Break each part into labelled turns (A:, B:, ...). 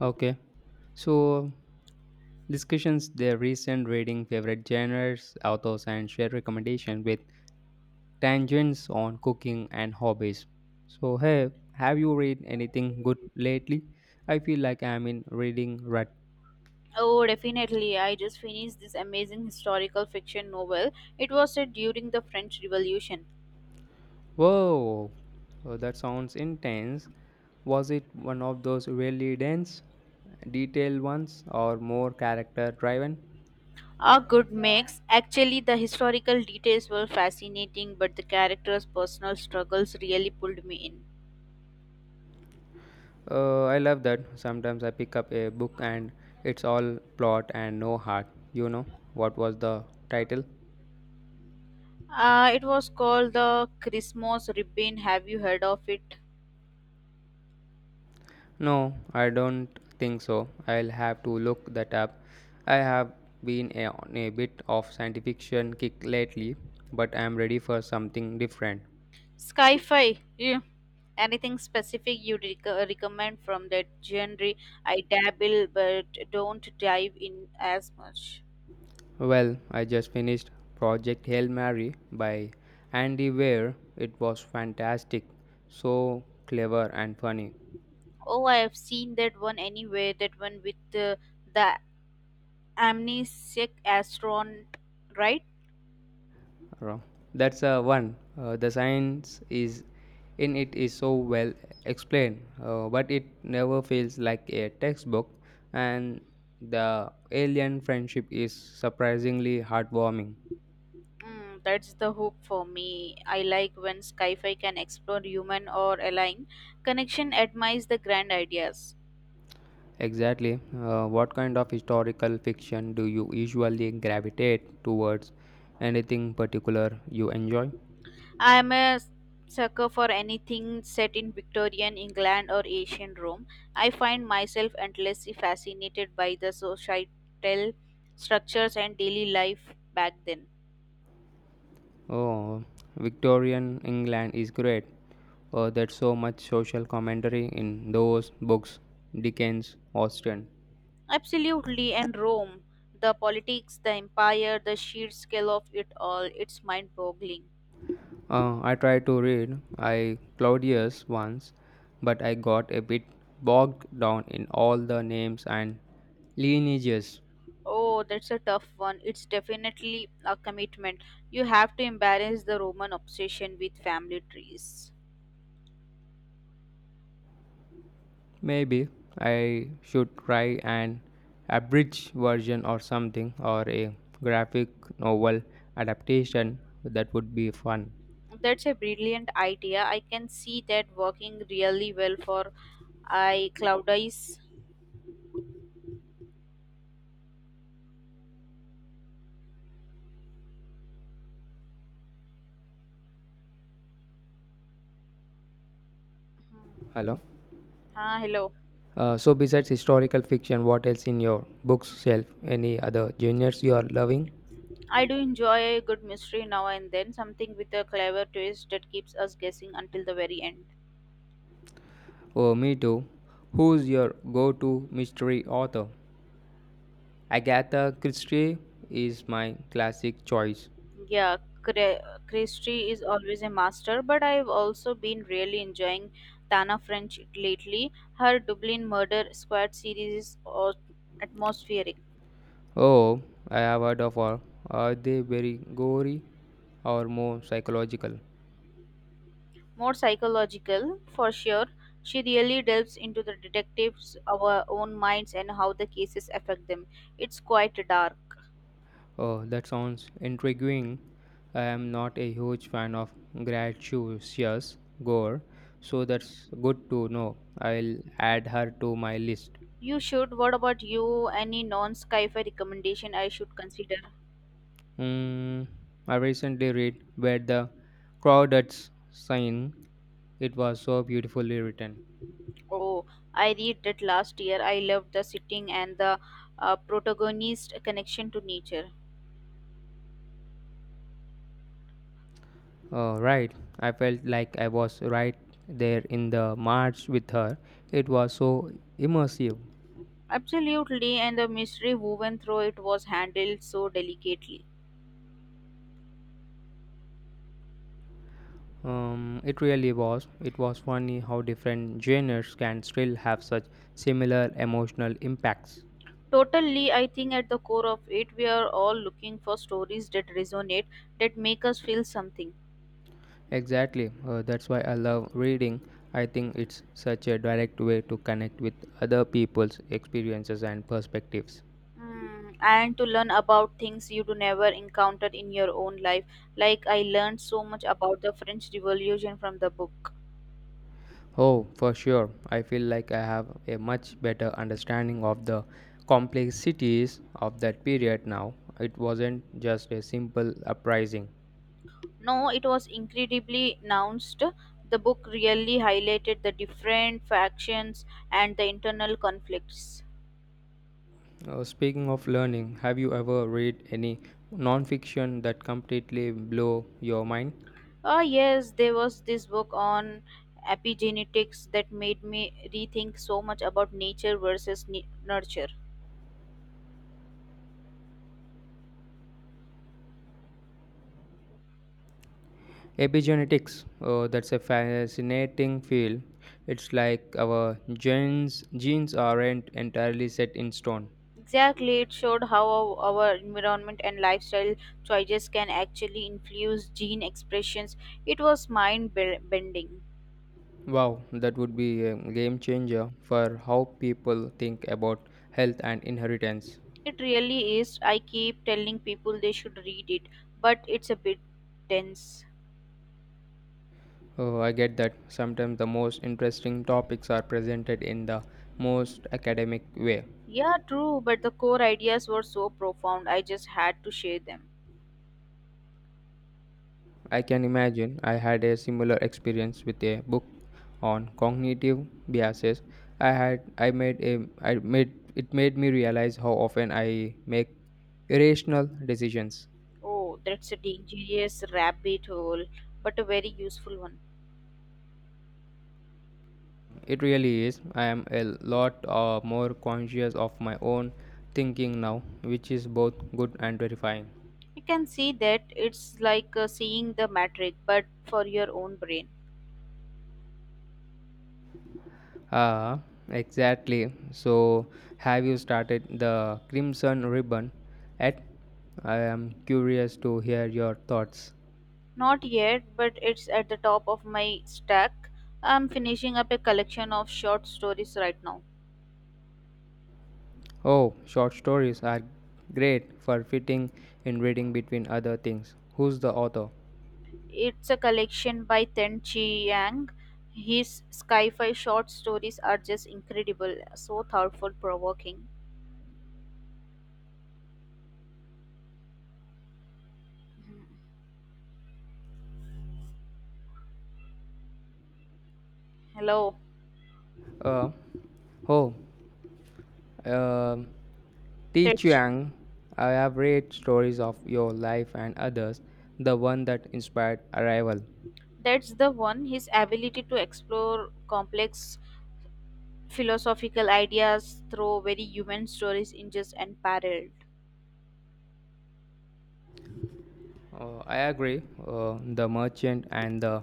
A: Okay. So, discussions their recent reading, favorite genres, authors, and share recommendation with tangents on cooking and hobbies. So, hey, have you read anything good lately? I feel like I'm in reading rut.
B: Oh, definitely. I just finished this amazing historical fiction novel. It was set during the French Revolution.
A: Whoa, oh, that sounds intense. Was it one of those really dense, detailed ones, or more character driven?
B: A good mix. Actually, the historical details were fascinating, but the characters' personal struggles really pulled me in.
A: I love that. Sometimes I pick up a book and it's all plot and no heart. What was the title?
B: It was called The Christmas Ribbon. Have you heard of it?
A: No, I don't think so. I'll have to look that up. I have been a, on a bit of science fiction kick lately, but I'm ready for something different.
B: Sci-fi. Yeah. Anything specific you'd recommend from that genre? I dabble, but don't dive in as much.
A: Well, I just finished Project Hail Mary by Andy Weir. It was fantastic, so clever and funny.
B: Oh, I have seen that one anyway. That one with the amnesiac astronaut, right?
A: Wrong. That's one. The science is in it is so well explained, but it never feels like a textbook. And the alien friendship is surprisingly heartwarming.
B: Mm, that's the hope for me. I like when sci-fi can explore human or alien connection, admires the grand ideas.
A: Exactly. What kind of historical fiction do you usually gravitate towards? Anything particular you enjoy?
B: I am a sucker for anything set in Victorian England or ancient Rome. I find myself endlessly fascinated by the societal structures and daily life back then.
A: Oh, Victorian England is great. Oh, there's so much social commentary in those books. Dickens, Austen.
B: Absolutely, and Rome, the politics, the empire, the sheer scale of it all, it's mind boggling.
A: I tried to read I Claudius once, but I got a bit bogged down in all the names and lineages.
B: Oh, that's a tough one. It's definitely a commitment. You have to embrace the Roman obsession with family trees.
A: Maybe I should try an abridged version or something, or a graphic novel adaptation. That would be fun.
B: That's a brilliant idea. I can see that working really well for I Claudius.
A: Hello.
B: Ah, hello.
A: So, besides historical fiction, what else in your books shelf? Any other genres you are loving?
B: I do enjoy a good mystery now and then, something with a clever twist that keeps us guessing until the very end.
A: Oh, me too. Who's your go-to mystery author? Agatha Christie is my classic choice.
B: Yeah, Christy is always a master, but I've also been really enjoying Tana French lately. Her Dublin Murder Squad series is atmospheric,
A: Oh, I have heard of her. Are they very gory or more psychological?
B: more psychological for sure. She really delves into the detectives, our own minds, and how the cases affect them. It's quite dark.
A: Oh, that sounds intriguing. I am not a huge fan of gratuitous gore, so that's good to know. I'll add her to my list.
B: You should. What about you? Any non sci fi recommendation I should consider?
A: Mm, I recently read where the crowded sign. It was so beautifully written.
B: Oh, I read that last year. I loved the setting and the protagonist connection to nature.
A: Oh, right. I felt like I was right there in the march with her. It was so immersive.
B: Absolutely, and the mystery woven through it was handled so delicately.
A: It really was. It was funny how different genres can still have such similar emotional impacts.
B: Totally, I think at the core of it, we are all looking for stories that resonate, that make us feel something.
A: Exactly. That's why I love reading. I think it's such a direct way to connect with other people's experiences and perspectives.
B: Mm, and to learn about things you do never encounter in your own life. Like I learned so much about the French Revolution from the book.
A: Oh, for sure. I feel like I have a much better understanding of the complexities of that period now. It wasn't just a simple uprising.
B: No, it was incredibly announced. The book really highlighted the different factions and the internal conflicts.
A: Speaking of learning, have you ever read any non-fiction that completely blew your mind?
B: Ah, yes, there was this book on epigenetics that made me rethink so much about nature versus nurture.
A: Epigenetics. That's a fascinating field. It's like our genes aren't entirely set in stone.
B: Exactly, it showed how our environment and lifestyle choices can actually influence gene expressions. It was mind bending.
A: Wow, that would be a game changer for how people think about health and inheritance.
B: It really is. I keep telling people they should read it, but it's a bit dense.
A: Oh, I get that. Sometimes the most interesting topics are presented in the most academic way.
B: Yeah, true, but the core ideas were so profound, I just had to share them.
A: I can imagine I had a similar experience with a book on cognitive biases. I had I made a I made it made me realize how often I make irrational decisions.
B: Oh, that's a dangerous rabbit hole, but a very useful one.
A: It really is. I am a lot more conscious of my own thinking now, which is both good and terrifying.
B: You can see that it's like seeing the matrix, but for your own brain.
A: Ah, exactly. So, have you started the Crimson Ribbon? At I am curious to hear your thoughts.
B: Not yet, but it's at the top of my stack. I'm finishing up a collection of short stories right now.
A: Oh, short stories are great for fitting in reading between other things. Who's the author?
B: It's a collection by Ten Chi Yang. His sci-fi short stories are just incredible, so thoughtful, provoking. Hello,
A: Uh, oh, um Teach
B: Tej.
A: Chiang, I have read stories of your life and others, the one that inspired Arrival.
B: That's the one. His ability to explore complex philosophical ideas through very human stories in just unparalleled.
A: I agree, The Merchant and The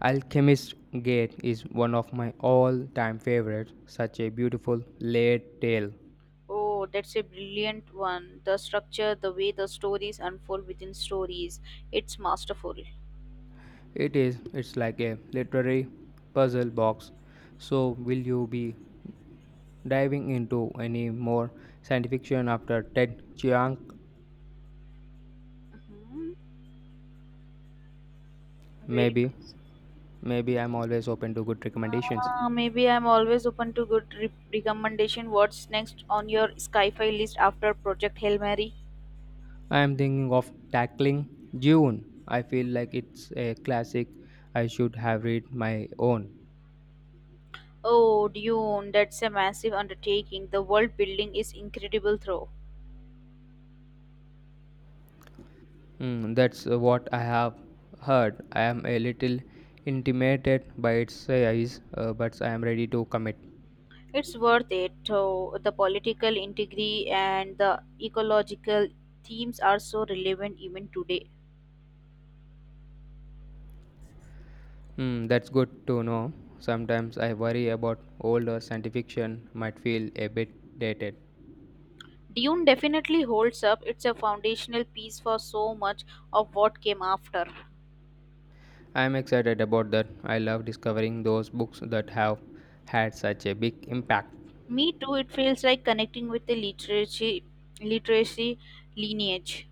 A: Alchemist Gate is one of my all time favorites, such a beautiful layered tale.
B: Oh, that's a brilliant one. The structure, the way the stories unfold within stories, it's masterful.
A: It is, it's like a literary puzzle box. So, will you be diving into any more science fiction after Ted Chiang?
B: Mhm. Very.
A: Maybe,
B: Nice.
A: maybe I'm always open to good recommendations.
B: Maybe I'm always open to good recommendation. What's next on your Skyfi list after Project Hail Mary?
A: I am thinking of tackling June. I feel like it's a classic. I should have read my own.
B: Oh, Dune, that's a massive undertaking. The world building is incredible, though.
A: Mm, that's what I have heard. I am a little intimidated by its size, but I am ready to commit.
B: It's worth it, though. The political intrigue and the ecological themes are so relevant even today.
A: Mm, that's good to know. Sometimes I worry about older science fiction might feel a bit dated.
B: Dune definitely holds up. It's a foundational piece for so much of what came after.
A: I am excited about that. I love discovering those books that have had such a big impact.
B: Me too, it feels like connecting with the literacy literacy lineage.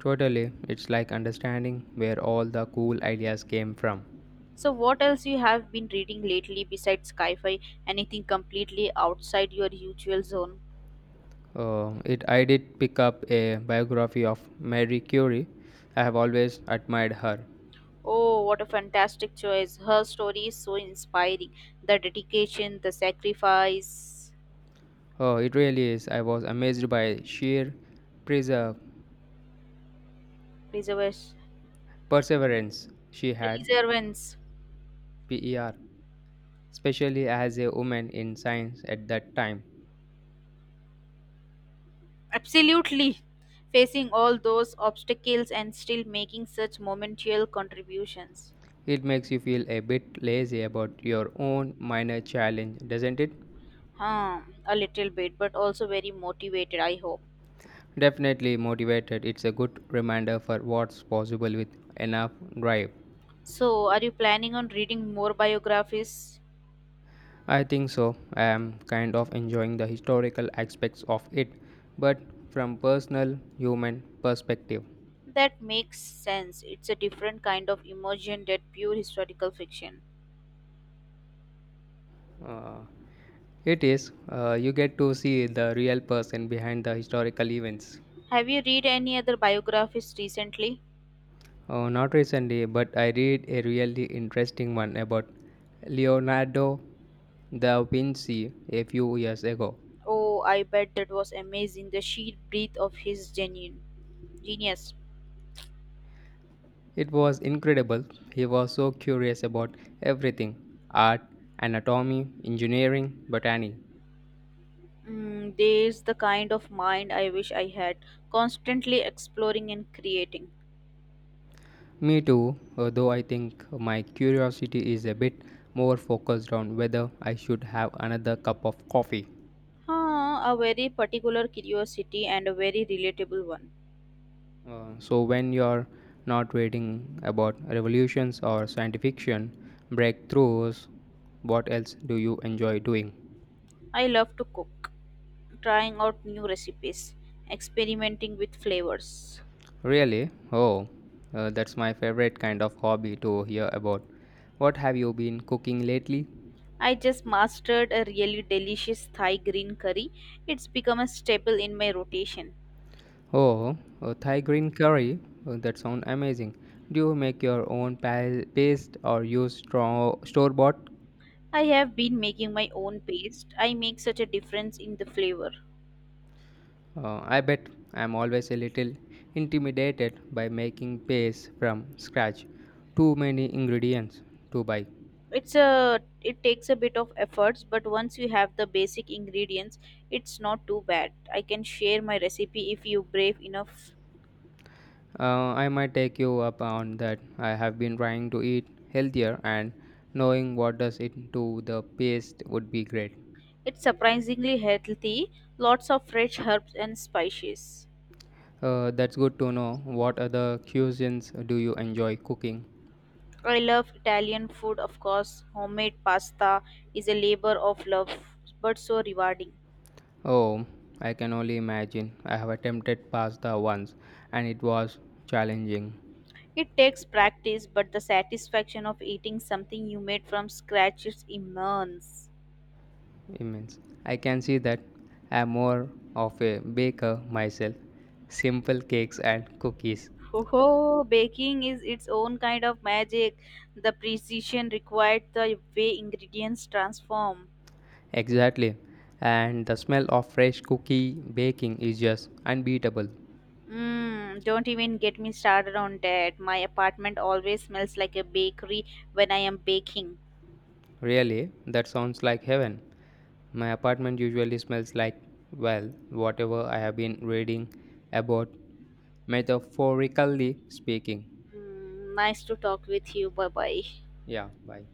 A: Totally, it's like understanding where all the cool ideas came from.
B: So what else you have been reading lately besides sci-fi? Anything completely outside your usual zone?
A: It I did pick up a biography of Marie Curie. I have always admired her.
B: Oh, what a fantastic choice. Her story is so inspiring. The dedication, the sacrifice,
A: Oh, it really is. I was amazed by sheer preserve,
B: preservers,
A: perseverance she had,
B: perseverance.
A: PER, especially as a woman in science at that time.
B: Absolutely. Facing all those obstacles and still making such monumental contributions.
A: It makes you feel a bit lazy about your own minor challenge, doesn't it?
B: Huh, a little bit, but also very motivated, I hope.
A: Definitely motivated. It's a good reminder for what's possible with enough drive.
B: So, are you planning on reading more biographies?
A: I think so. I am kind of enjoying the historical aspects of it, but from personal human perspective,
B: That makes sense. It's a different kind of immersion than pure historical fiction.
A: uh, it is you get to see the real person behind the historical events.
B: Have you read any other biographies recently?
A: Oh, not recently, but I read a really interesting one about Leonardo da Vinci a few years ago.
B: Oh, I bet that was amazing. The sheer breadth of his genuine genius.
A: It was incredible. He was so curious about everything art, anatomy, engineering, botany.
B: Mm, there's the kind of mind I wish I had, constantly exploring and creating.
A: Me too, although I think my curiosity is a bit more focused on whether I should have another cup of coffee.
B: Huh, a very particular curiosity and a very relatable one.
A: So, when you're not reading about revolutions or science fiction breakthroughs, what else do you enjoy doing?
B: I love to cook, trying out new recipes, experimenting with flavors.
A: Really? Oh, that's my favorite kind of hobby to hear about. What have you been cooking lately?
B: I just mastered a really delicious Thai green curry. It's become a staple in my rotation.
A: Oh, Thai green curry. That sounds amazing. Do you make your own paste or use store-bought?
B: I have been making my own paste. I make such a difference in the flavor.
A: I bet I'm always a little intimidated by making paste from scratch. Too many ingredients to buy.
B: It takes a bit of efforts, but once you have the basic ingredients, it's not too bad. I can share my recipe if you brave enough.
A: I might take you up on that. I have been trying to eat healthier and knowing what does it to the paste would be great.
B: It's surprisingly healthy, lots of fresh herbs and spices.
A: That's good to know. What other cuisines do you enjoy cooking?
B: I love Italian food, of course. Homemade pasta is a labor of love, but so rewarding.
A: Oh, I can only imagine. I have attempted pasta once and it was challenging,
B: It takes practice, but the satisfaction of eating something you made from scratch is immense.
A: immense. I can see that I'm more of a baker myself. Simple cakes and cookies.
B: Oh, baking is its own kind of magic. The precision required, the way ingredients transform.
A: Exactly. And the smell of fresh cookie baking is just unbeatable.
B: Mm, don't even get me started on that. My apartment always smells like a bakery when I am baking.
A: Really, that sounds like heaven. My apartment usually smells like, well, whatever I have been reading about, metaphorically speaking.
B: Mm, nice to talk with you. Bye bye.
A: Yeah, bye.